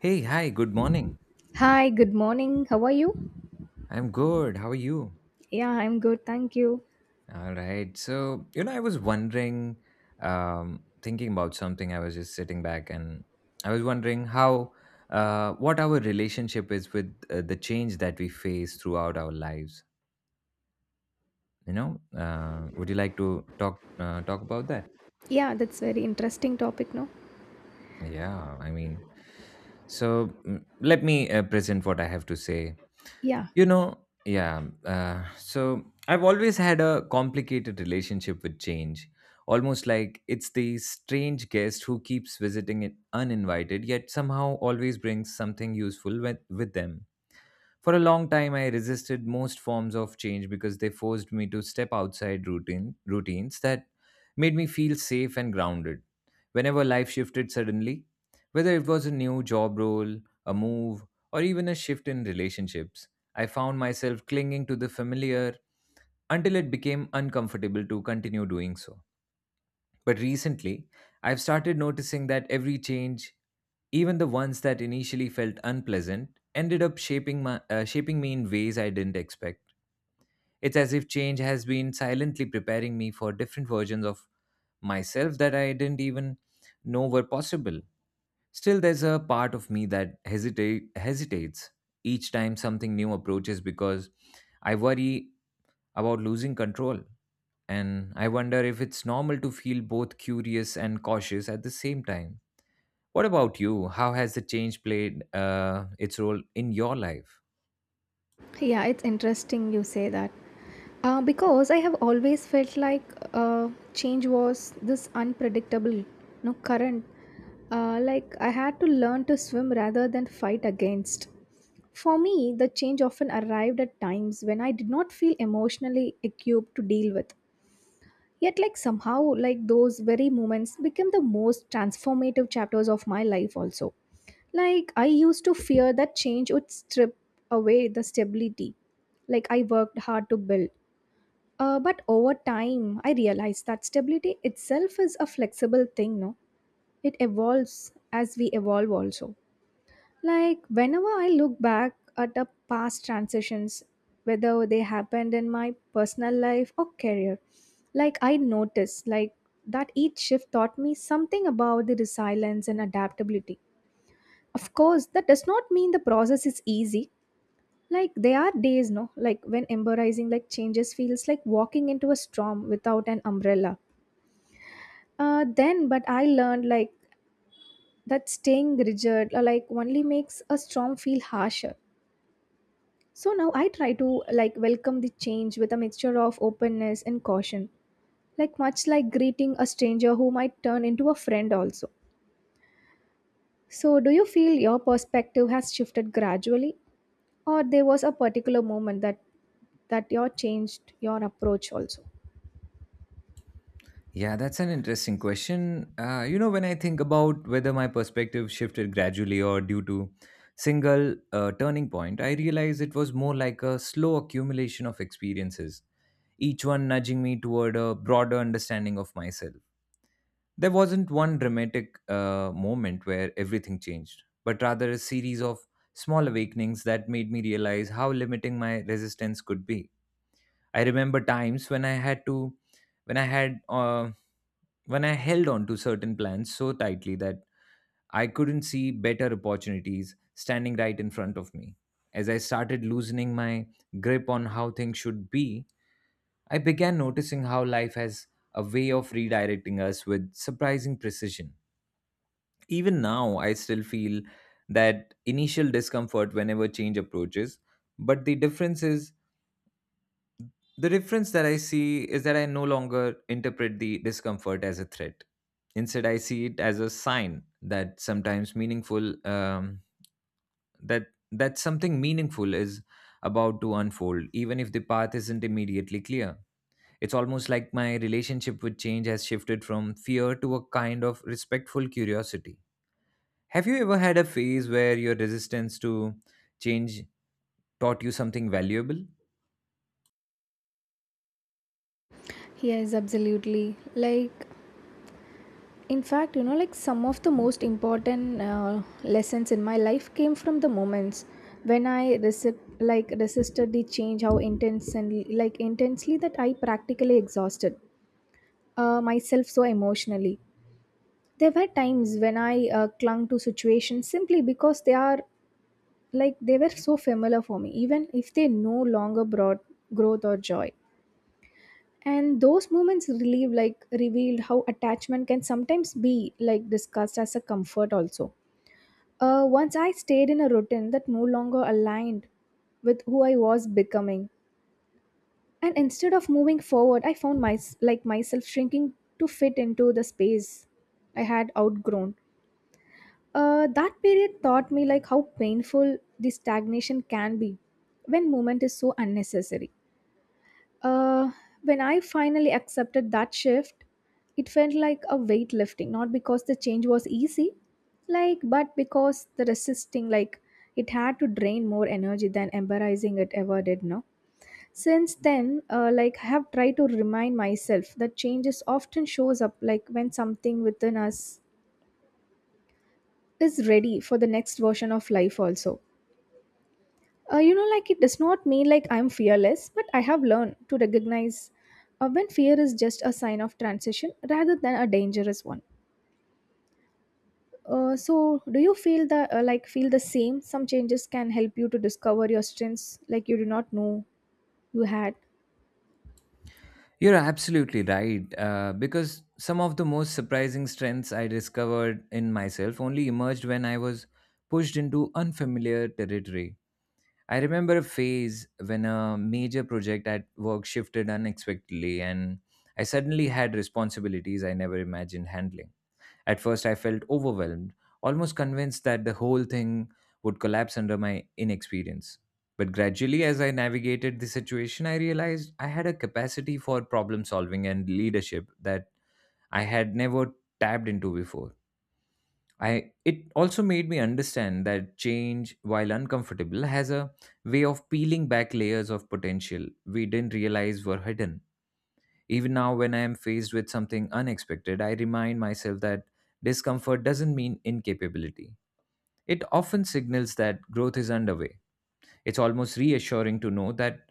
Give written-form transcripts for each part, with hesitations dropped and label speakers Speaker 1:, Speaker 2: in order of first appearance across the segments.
Speaker 1: Hey, hi, good morning.
Speaker 2: Hi, good morning. How are you?
Speaker 1: I'm good. How are you?
Speaker 2: Yeah, I'm good. Thank you.
Speaker 1: All right. So, you know, I was wondering, thinking about something. I was just sitting back and I was wondering what our relationship is with the change that we face throughout our lives. You know, would you like to talk about that?
Speaker 2: Yeah, that's very interesting topic, no?
Speaker 1: Yeah, I mean, so let me present what I have to say.
Speaker 2: Yeah.
Speaker 1: You know, yeah. So I've always had a complicated relationship with change, almost like it's the strange guest who keeps visiting it uninvited, yet somehow always brings something useful with them. For a long time, I resisted most forms of change because they forced me to step outside routines that made me feel safe and grounded. Whenever life shifted suddenly, whether it was a new job role, a move, or even a shift in relationships, I found myself clinging to the familiar until it became uncomfortable to continue doing so. But recently, I've started noticing that every change, even the ones that initially felt unpleasant, ended up shaping me in ways I didn't expect. It's as if change has been silently preparing me for different versions of myself that I didn't even know were possible. Still, there's a part of me that hesitates each time something new approaches because I worry about losing control. And I wonder if it's normal to feel both curious and cautious at the same time. What about you? How has the change played its role in your life?
Speaker 2: Yeah, it's interesting you say that. Because I have always felt like change was this unpredictable, no current. Like I had to learn to swim rather than fight against. For me, the change often arrived at times when I did not feel emotionally equipped to deal with. Yet, like somehow, like those very moments became the most transformative chapters of my life, also. Like, I used to fear that change would strip away the stability, like, I worked hard to build. But over time, I realized that stability itself is a flexible thing, no? It evolves as we evolve, also. Like, whenever I look back at the past transitions, whether they happened in my personal life or career, like, I notice, like, that each shift taught me something about the resilience and adaptability. Of course, that does not mean the process is easy. Like, there are days, no, like, when embracing, like, changes feels like walking into a storm without an umbrella. Then, but I learned, like, that staying rigid or like only makes a storm feel harsher. So now I try to like welcome the change with a mixture of openness and caution, like much like greeting a stranger who might turn into a friend also. So do you feel your perspective has shifted gradually or there was a particular moment that you changed your approach also?
Speaker 1: Yeah, that's an interesting question. When I think about whether my perspective shifted gradually or due to single turning point, I realize it was more like a slow accumulation of experiences, each one nudging me toward a broader understanding of myself. There wasn't one dramatic moment where everything changed, but rather a series of small awakenings that made me realize how limiting my resistance could be. I remember times when I had to, when I had, when I held on to certain plans so tightly that I couldn't see better opportunities standing right in front of me. As I started loosening my grip on how things should be, I began noticing how life has a way of redirecting us with surprising precision. Even now, I still feel that initial discomfort whenever change approaches. But the difference that I see is that I no longer interpret the discomfort as a threat. Instead, I see it as a sign that sometimes meaningful that that something meaningful is about to unfold, even if the path isn't immediately clear. It's almost like my relationship with change has shifted from fear to a kind of respectful curiosity. Have you ever had a phase where your resistance to change taught you something valuable?
Speaker 2: Yes, absolutely. Like in fact, you know, like some of the most important lessons in my life came from the moments when I like resisted the change, how intense and like intensely that I practically exhausted myself so emotionally. There were times when I clung to situations simply because they are like they were so familiar for me, even if they no longer brought growth or joy, and those moments relieve like revealed how attachment can sometimes be like discussed as a comfort also. Once I stayed in a routine that no longer aligned with who I was becoming, and instead of moving forward, I found like myself shrinking to fit into the space I had outgrown. That period taught me like how painful the stagnation can be when movement is so unnecessary. Uh, when I finally accepted that shift, it felt like a weight lifting, not because the change was easy, like, but because the resisting, like, it had to drain more energy than embarrassing it ever did, no? Since then, like, I have tried to remind myself that changes often shows up, like, when something within us is ready for the next version of life also. You know, like it does not mean like I'm fearless, but I have learned to recognize when fear is just a sign of transition rather than a dangerous one. So, do you feel the like feel the same? Some changes can help you to discover your strengths, like you do not know you had.
Speaker 1: You're absolutely right, because some of the most surprising strengths I discovered in myself only emerged when I was pushed into unfamiliar territory. I remember a phase when a major project at work shifted unexpectedly, and I suddenly had responsibilities I never imagined handling. At first, I felt overwhelmed, almost convinced that the whole thing would collapse under my inexperience. But gradually, as I navigated the situation, I realized I had a capacity for problem solving and leadership that I had never tapped into before. It also made me understand that change, while uncomfortable, has a way of peeling back layers of potential we didn't realize were hidden. Even now, when I am faced with something unexpected, I remind myself that discomfort doesn't mean incapability. It often signals that growth is underway. It's almost reassuring to know that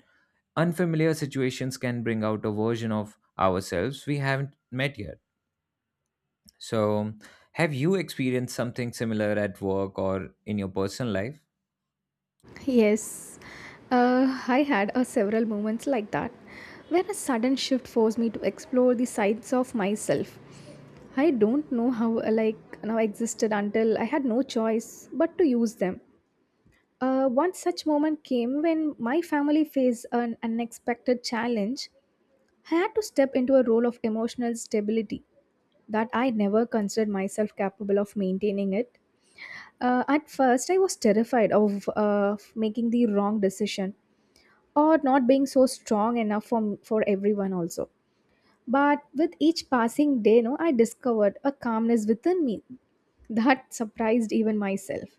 Speaker 1: unfamiliar situations can bring out a version of ourselves we haven't met yet. So, have you experienced something similar at work or in your personal life?
Speaker 2: Yes, I had several moments like that, where a sudden shift forced me to explore the sides of myself. I don't know how like now existed until I had no choice but to use them. One such moment came when my family faced an unexpected challenge. I had to step into a role of emotional stability that I never considered myself capable of maintaining it. At first, I was terrified of making the wrong decision or not being so strong enough for everyone also. But with each passing day, no, I discovered a calmness within me that surprised even myself.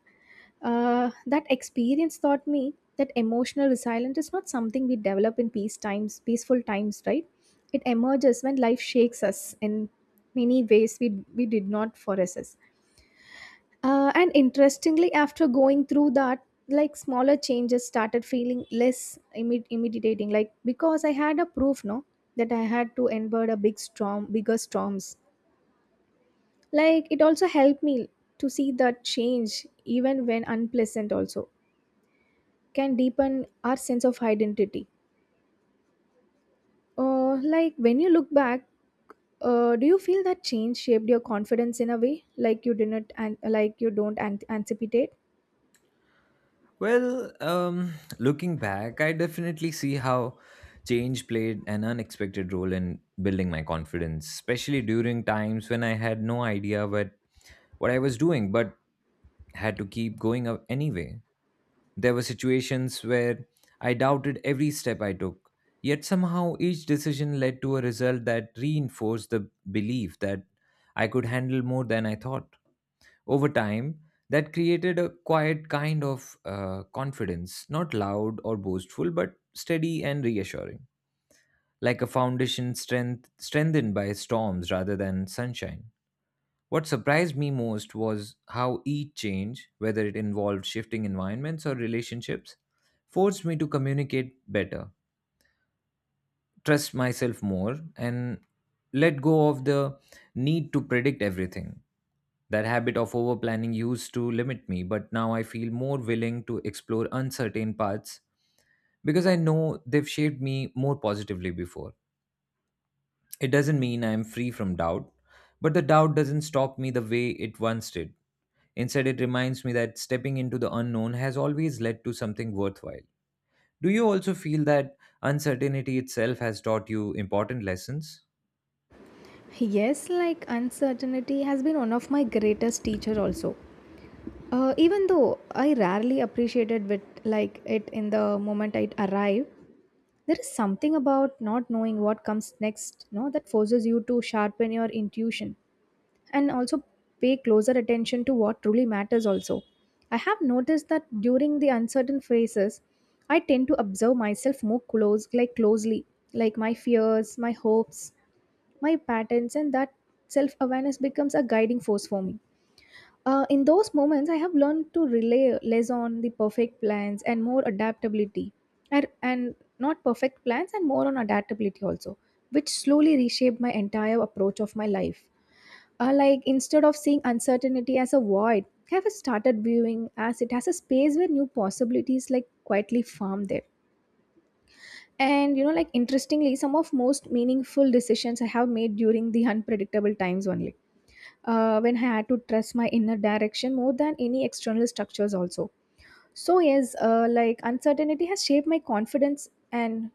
Speaker 2: That experience taught me that emotional resilience is not something we develop in peaceful times, right? It emerges when life shakes us in many ways we did not foresee. And interestingly, after going through that, like smaller changes started feeling less intimidating, like because I had a proof, no, that I had to endure a big storm, bigger storms. Like it also helped me to see the change, even when unpleasant, also can deepen our sense of identity. Like when you look back, do you feel that change shaped your confidence in a way like you didn't and like you don't anticipate?
Speaker 1: Well, looking back, I definitely see how change played an unexpected role in building my confidence, especially during times when I had no idea what I was doing but had to keep going up anyway. There were situations where I doubted every step I took, yet somehow each decision led to a result that reinforced the belief that I could handle more than I thought over time. That created a quiet kind of confidence, not loud or boastful, but steady and reassuring, like a foundation strengthened by storms rather than sunshine. What surprised me most was how each change, whether it involved shifting environments or relationships, forced me to communicate better, trust myself more, and let go of the need to predict everything. That habit of overplanning used to limit me, but now I feel more willing to explore uncertain paths because I know they've shaped me more positively before. It doesn't mean I'm free from doubt, but the doubt doesn't stop me the way it once did. Instead, it reminds me that stepping into the unknown has always led to something worthwhile. Do you also feel that uncertainty itself has taught you important lessons?
Speaker 2: Yes, like uncertainty has been one of my greatest teacher also. Even though I rarely appreciated with like it in the moment I arrived, there is something about not knowing what comes next, no, that forces you to sharpen your intuition and also pay closer attention to what truly matters also. I have noticed that during the uncertain phases, I tend to observe myself more close like closely, like my fears, my hopes, my patterns, and that self awareness becomes a guiding force for me. In those moments, I have learned to rely less on the perfect plans and more adaptability, and not perfect plans and more on adaptability also, which slowly reshaped my entire approach of my life. Like instead of seeing uncertainty as a void, I have started viewing as it has a space where new possibilities like quietly form there. And you know, like interestingly, some of most meaningful decisions I have made during the unpredictable times only. When I had to trust my inner direction more than any external structures also. So yes, like uncertainty has shaped my confidence and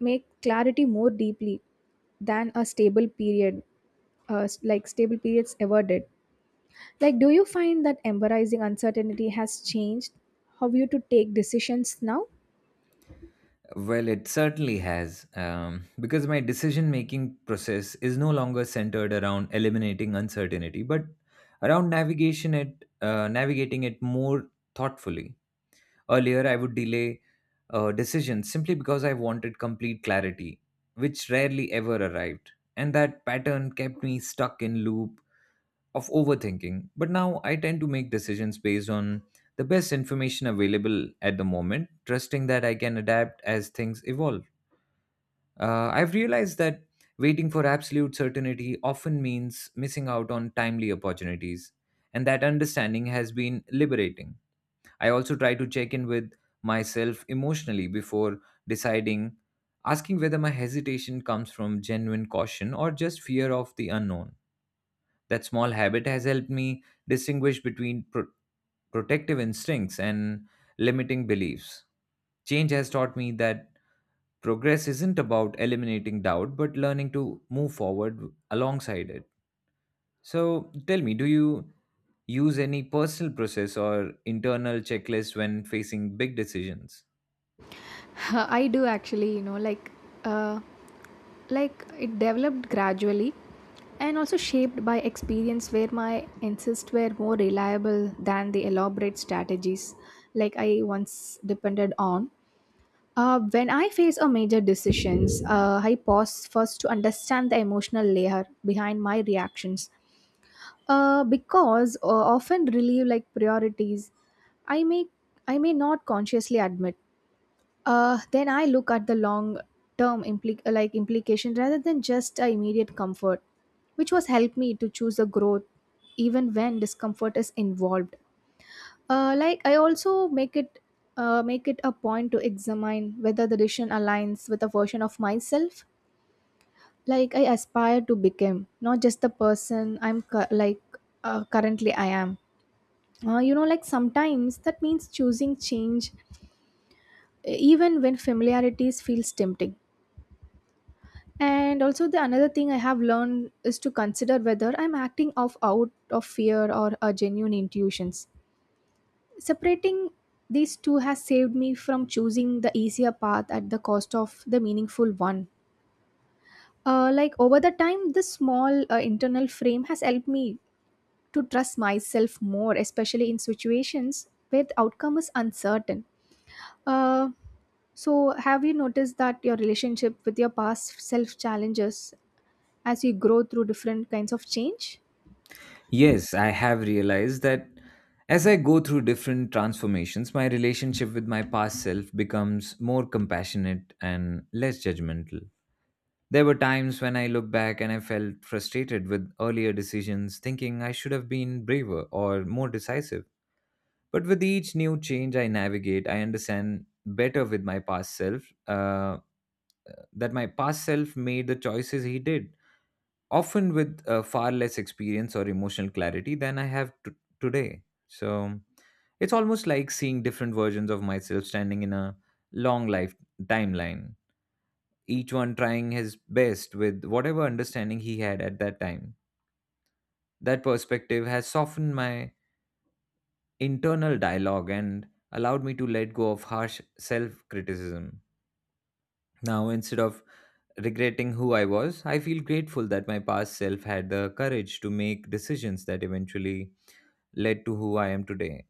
Speaker 2: make clarity more deeply than a stable period, like stable periods ever did. Like, do you find that embarrassing uncertainty has changed how you to take decisions now?
Speaker 1: Well, it certainly has, because my decision making process is no longer centered around eliminating uncertainty, but around navigating it more thoughtfully. Earlier, I would delay a decision simply because I wanted complete clarity, which rarely ever arrived, and that pattern kept me stuck in loop of overthinking. But now I tend to make decisions based on the best information available at the moment, trusting that I can adapt as things evolve. I've realized that waiting for absolute certainty often means missing out on timely opportunities, and that understanding has been liberating. I also try to check in with myself emotionally before deciding, asking whether my hesitation comes from genuine caution or just fear of the unknown. That small habit has helped me distinguish between protective instincts and limiting beliefs. Change has taught me that progress isn't about eliminating doubt but learning to move forward alongside it. So tell me, do you use any personal process or internal checklist when facing big decisions?
Speaker 2: I do actually, you know, uh, like it developed gradually and also shaped by experience where my insists were more reliable than the elaborate strategies like I once depended on. When I face a major decisions, I pause first to understand the emotional layer behind my reactions. Because often relieve like priorities. I may I may not consciously admit. Then I look at the long term like implication rather than just immediate comfort, which was helped me to choose a growth even when discomfort is involved. Like I also make it a point to examine whether the decision aligns with a version of myself like I aspire to become, not just the person I'm currently I am. You know, like sometimes that means choosing change even when familiarities feels tempting, and also the another thing I have learned is to consider whether I'm acting off out of fear or a genuine intuitions. Separating these two has saved me from choosing the easier path at the cost of the meaningful one. Like over the time this small internal frame has helped me to trust myself more, especially in situations where the outcome is uncertain. Uh, So, have you noticed that your relationship with your past self challenges as you grow through different kinds of change?
Speaker 1: Yes, I have realized that as I go through different transformations, my relationship with my past self becomes more compassionate and less judgmental. There were times when I look back and I felt frustrated with earlier decisions, thinking I should have been braver or more decisive. But with each new change I navigate, I understand better with my past self that my past self made the choices he did, often with far less experience or emotional clarity than I have today. So it's almost like seeing different versions of myself standing in a long life timeline, each one trying his best with whatever understanding he had at that time. That perspective has softened my internal dialogue and allowed me to let go of harsh self criticism. Now, instead of regretting who I was, I feel grateful that my past self had the courage to make decisions that eventually led to who I am today.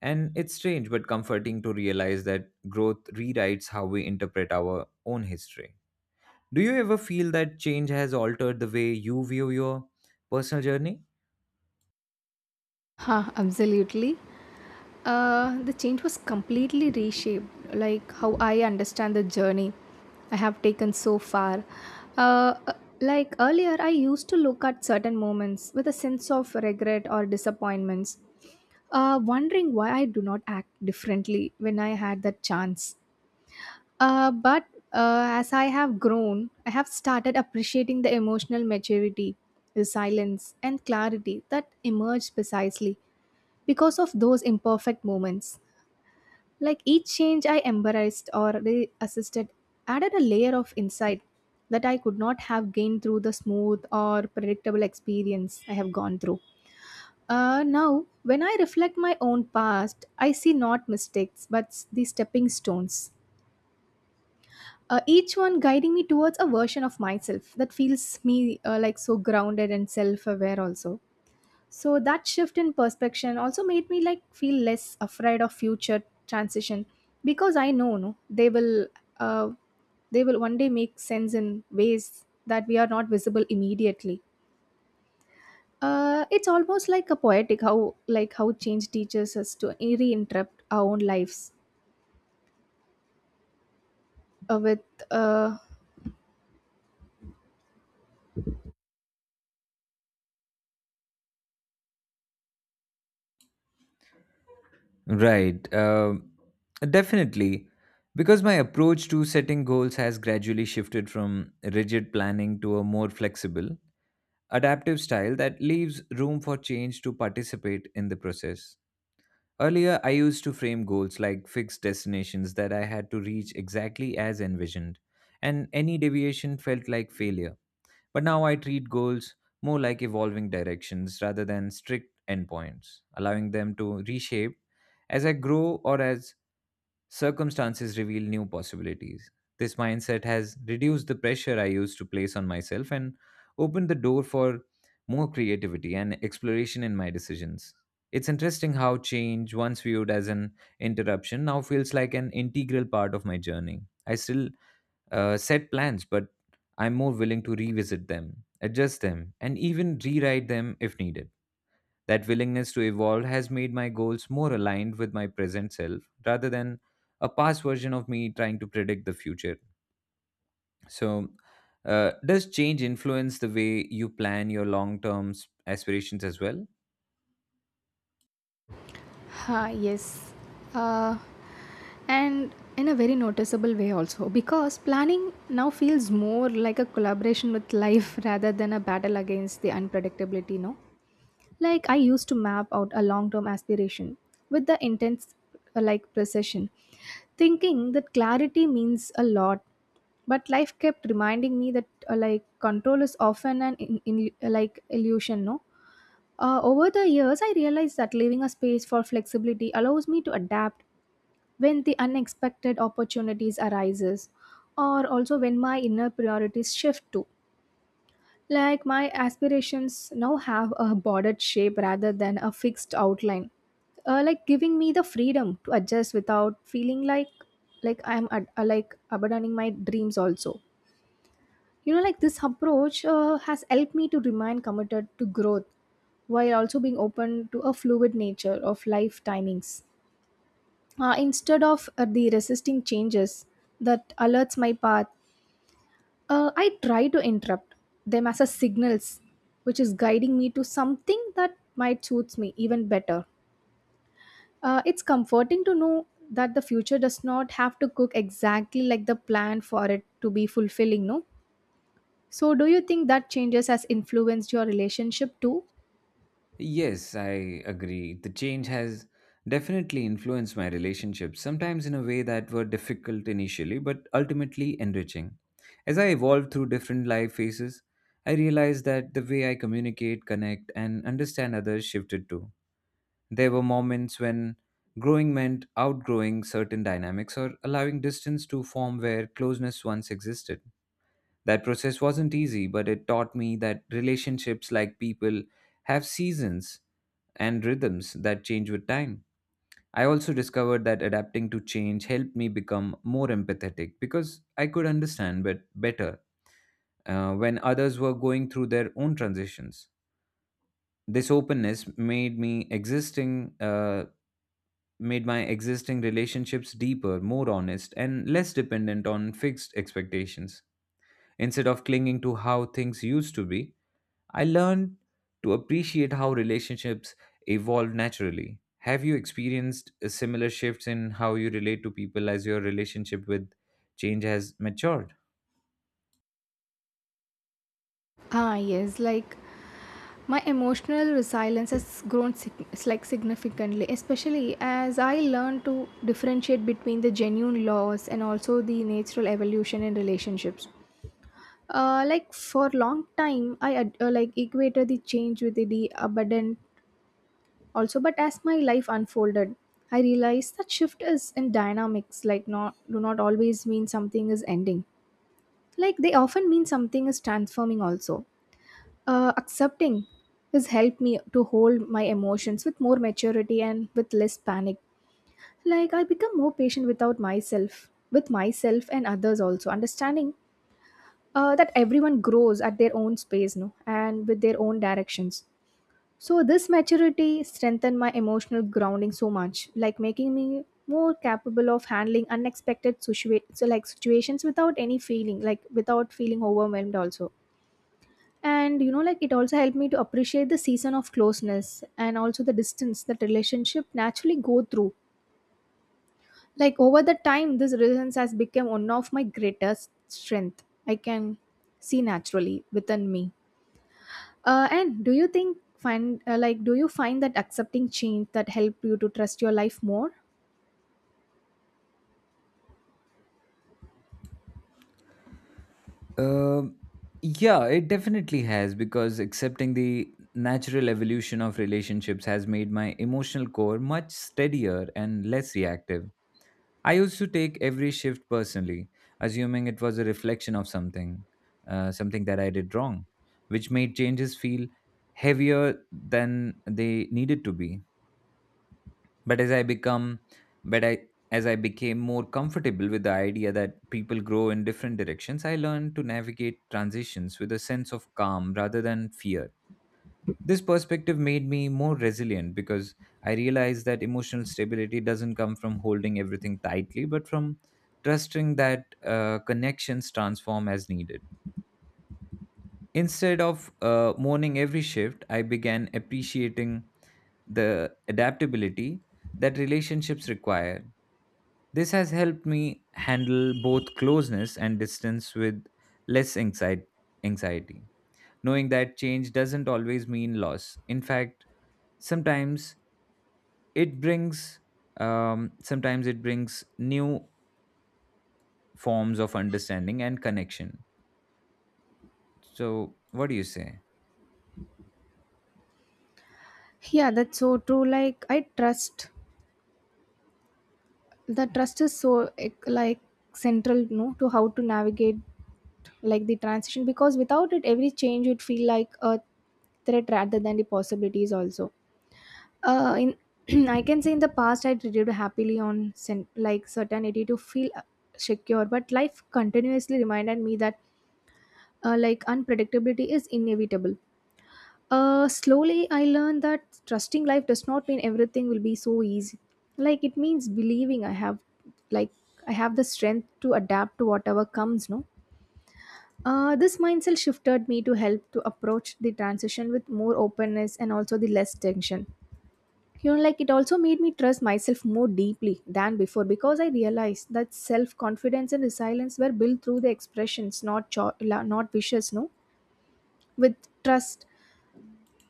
Speaker 1: And it's strange but comforting to realize that growth rewrites how we interpret our own history. Do you ever feel that change has altered the way you view your personal journey?
Speaker 2: Huh, absolutely. The change was completely reshaped, like how I understand the journey I have taken so far. Uh, uh, like earlier, I used to look at certain moments with a sense of regret or disappointments, wondering why I do not act differently when I had that chance. But as I have grown, I have started appreciating the emotional maturity, resilience, and clarity that emerged precisely because of those imperfect moments. Like each change I embraced or re added a layer of insight that I could not have gained through the smooth or predictable experience I have gone through. Now, when I reflect my own past, I see not mistakes but the stepping stones, each one guiding me towards a version of myself that feels me like so grounded and self-aware also. So that shift in perspective also made me like feel less afraid of future transition, because I know, no, uh, they will one day make sense in ways that we are not visible immediately. It's almost like a poetic how change teaches us to reinterrupt our own lives with uh,
Speaker 1: Right. Um, definitely. Because my approach to setting goals has gradually shifted from rigid planning to a more flexible, adaptive style that leaves room for change to participate in the process. Earlier, I used to frame goals like fixed destinations that I had to reach exactly as envisioned, and any deviation felt like failure. But now I treat goals more like evolving directions rather than strict endpoints, allowing them to reshape as I grow or as circumstances reveal new possibilities. This mindset has reduced the pressure I used to place on myself and opened the door for more creativity and exploration in my decisions. It's interesting how change, once viewed as an interruption, now feels like an integral part of my journey. I still set plans, but I'm more willing to revisit them, adjust them, and even rewrite them if needed. That willingness to evolve has made my goals more aligned with my present self rather than a past version of me trying to predict the future. So, does change influence the way you plan your long term aspirations as well?
Speaker 2: Ha, yes. Uh, and in a very noticeable way also because planning now feels more like a collaboration with life rather than a battle against the unpredictability, no. Like I used to map out a long term aspiration with the intense like precision, thinking that clarity means a lot. But life kept reminding me that like control is often an like illusion, no. Over the years, I realized that leaving a space for flexibility allows me to adapt when the unexpected opportunities arises, or also when my inner priorities shift too. Like my aspirations now have a bordered shape rather than a fixed outline, like giving me the freedom to adjust without feeling like I'm like abandoning my dreams also. You know, like this approach has helped me to remain committed to growth while also being open to a fluid nature of life timings. Instead of the resisting changes that alerts my path, I try to interrupt them as a signals, which is guiding me to something that might suits me even better. It's comforting to know that the future does not have to cook exactly like the plan for it to be fulfilling, no? So, do you think that changes has influenced your relationship too?
Speaker 1: Yes, I agree. The change has definitely influenced my relationships, sometimes in a way that were difficult initially, but ultimately enriching. As I evolved through different life phases, I realized that the way I communicate, connect, and understand others shifted too. There were moments when growing meant outgrowing certain dynamics or allowing distance to form where closeness once existed. That process wasn't easy, but it taught me that relationships like people have seasons and rhythms that change with time. I also discovered that adapting to change helped me become more empathetic because I could understand but better when others were going through their own transitions. This openness made my existing relationships deeper, more honest, and less dependent on fixed expectations. Instead of clinging to how things used to be, I learned to appreciate how relationships evolve naturally. Have you experienced similar shifts in how you relate to people as your relationship with change has matured?
Speaker 2: Ah, yes. Like my emotional resilience has grown like significantly, especially as I learned to differentiate between the genuine loss and also the natural evolution in relationships. Like for long time, I like equated the change with the abundant also, but as my life unfolded, I realized that shift is in dynamics. Like not do not always mean something is ending. Like they often mean something is transforming also. Accepting has helped me to hold my emotions with more maturity and with less panic. Like I become more patient without myself with myself and others also, understanding that everyone grows at their own space, no, and with their own directions. So this maturity strengthened my emotional grounding so much, like making me more capable of handling unexpected so like situations without any feeling like without feeling overwhelmed also. And you know, like it also helped me to appreciate the season of closeness and also the distance that relationship naturally go through. Like over the time, this resilience has become one of my greatest strength I can see naturally within me. Uh, and do you think find uh, like do you find that accepting change that help you to trust your life more?
Speaker 1: Um yeah, it definitely has because accepting the natural evolution of relationships has made my emotional core much steadier and less reactive. I used to take every shift personally, assuming it was a reflection of something, something that I did wrong, which made changes feel heavier than they needed to be. But as I become, but I As I became more comfortable with the idea that people grow in different directions, I learned to navigate transitions with a sense of calm rather than fear. This perspective made me more resilient because I realized that emotional stability doesn't come from holding everything tightly, but from trusting that connections transform as needed. Instead of mourning every shift, I began appreciating the adaptability that relationships require. This has helped me handle both closeness and distance with less anxi- anxiety, knowing that change doesn't always mean loss. In fact, sometimes it brings sometimes it brings new forms of understanding and connection. So, what do you say?
Speaker 2: Yeah, that's so true. Like I trust the trust is so like central, you know, to how to navigate like the transition, because without it every change would feel like a threat rather than the possibilities also. In I can say in the past I treated happily on like certainty to feel secure, but life continuously reminded me that like unpredictability is inevitable. Slowly I learned that trusting life does not mean everything will be so easy. Like it means believing I have like I have the strength to adapt to whatever comes, no. This mindset shifted me to help to approach the transition with more openness and also the less tension. You know, like it also made me trust myself more deeply than before because I realized that self confidence and resilience were built through the expressions, not cho- la- not wishes, no, with trust.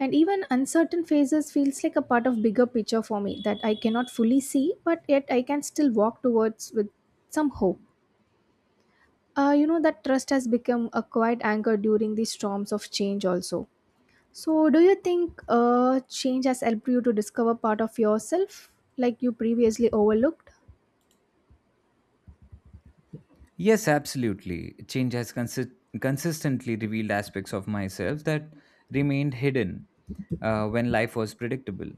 Speaker 2: And even uncertain phases feels like a part of bigger picture for me that I cannot fully see, but yet I can still walk towards with some hope. You know that trust has become a quiet anchor during the storms of change also. So, do you think change has helped you to discover part of yourself like you previously overlooked?
Speaker 1: Yes, absolutely. Change has consistently revealed aspects of myself that remained hidden when life was predictable.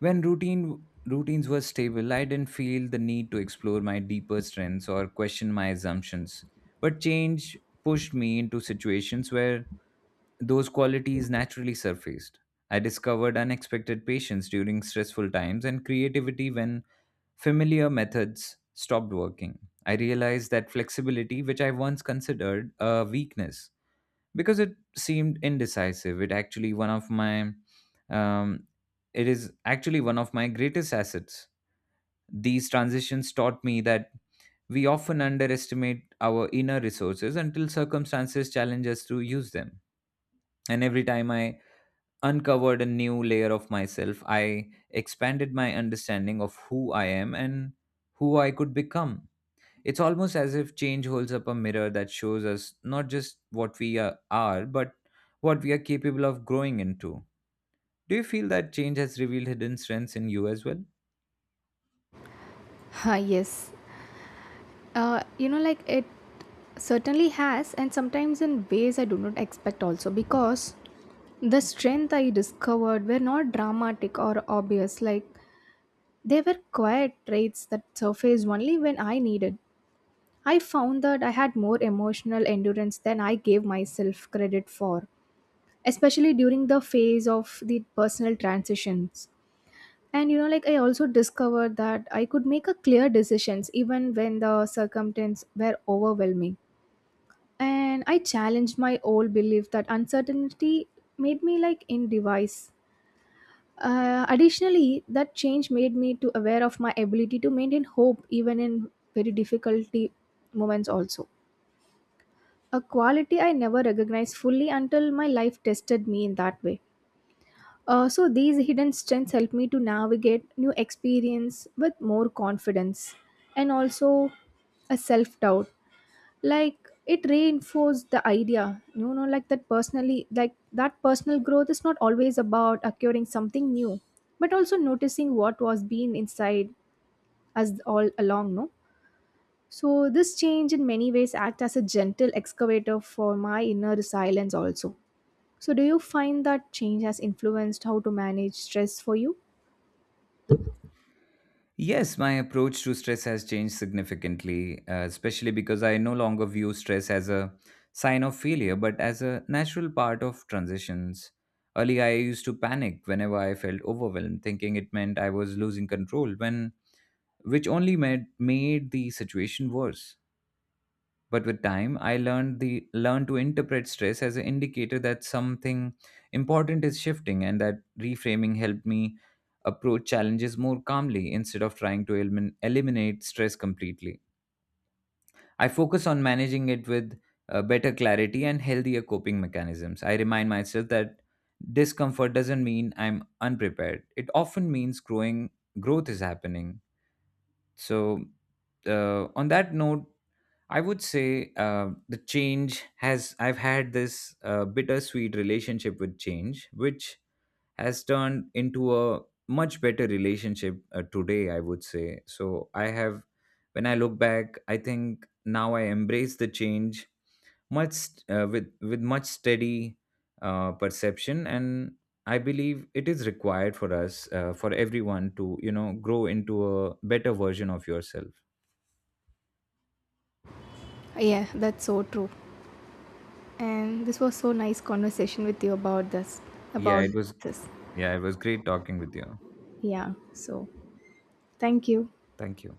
Speaker 1: When routines were stable, I didn't feel the need to explore my deeper strengths or question my assumptions. But change pushed me into situations where those qualities naturally surfaced. I discovered unexpected patience during stressful times and creativity when familiar methods stopped working. I realized that flexibility, which I once considered a weakness, because it seemed indecisive, it actually one of my um, it is actually one of my greatest assets. These transitions taught me that we often underestimate our inner resources until circumstances challenge us to use them, and every time I uncovered a new layer of myself, I expanded my understanding of who I am and who I could become. It's almost as if change holds up a mirror that shows us not just what we are, but what we are capable of growing into. Do you feel that change has revealed hidden strengths in you as well?
Speaker 2: Ah, yes. You know, like it certainly has, and sometimes in ways I do not expect also, because the strength I discovered were not dramatic or obvious. Like they were quiet traits that surfaced only when I needed. I found that I had more emotional endurance than I gave myself credit for, especially during the phase of the personal transitions. And you know, like I also discovered that I could make a clear decisions even when the circumstances were overwhelming, and I challenged my old belief that uncertainty made me like indecisive. Additionally, that change made me to aware of my ability to maintain hope even in very difficulty moments also, a quality I never recognized fully until my life tested me in that way. So these hidden strengths help me to navigate new experience with more confidence and also a self doubt. Like it reinforced the idea, you know, like that personal growth is not always about acquiring something new, but also noticing what was being inside us all along, no. So this change in many ways act as a gentle excavator for my inner silence also. So do you find that change has influenced how to manage stress for you?
Speaker 1: Yes, my approach to stress has changed significantly, especially because I no longer view stress as a sign of failure, but as a natural part of transitions. Earlier, I used to panic whenever I felt overwhelmed, thinking it meant I was losing control, when which only made the situation worse. But with time, I learned the learned to interpret stress as an indicator that something important is shifting, and that reframing helped me approach challenges more calmly. Instead of trying to eliminate stress completely, I focus on managing it with better clarity and healthier coping mechanisms. I remind myself that discomfort doesn't mean I'm unprepared. It often means growing growth is happening. So, on that note, I would say the change has, I've had this bittersweet relationship with change, which has turned into a much better relationship today, I would say. So, I have, when I look back, I think now I embrace the change much, with much steady perception, and I believe it is required for us, for everyone, to you know grow into a better version of yourself.
Speaker 2: Yeah, that's so true. And this was so nice conversation with you about this,
Speaker 1: Yeah,
Speaker 2: about
Speaker 1: it was.
Speaker 2: this.
Speaker 1: Yeah, it was great talking with you.
Speaker 2: Yeah. So, thank you.
Speaker 1: Thank you.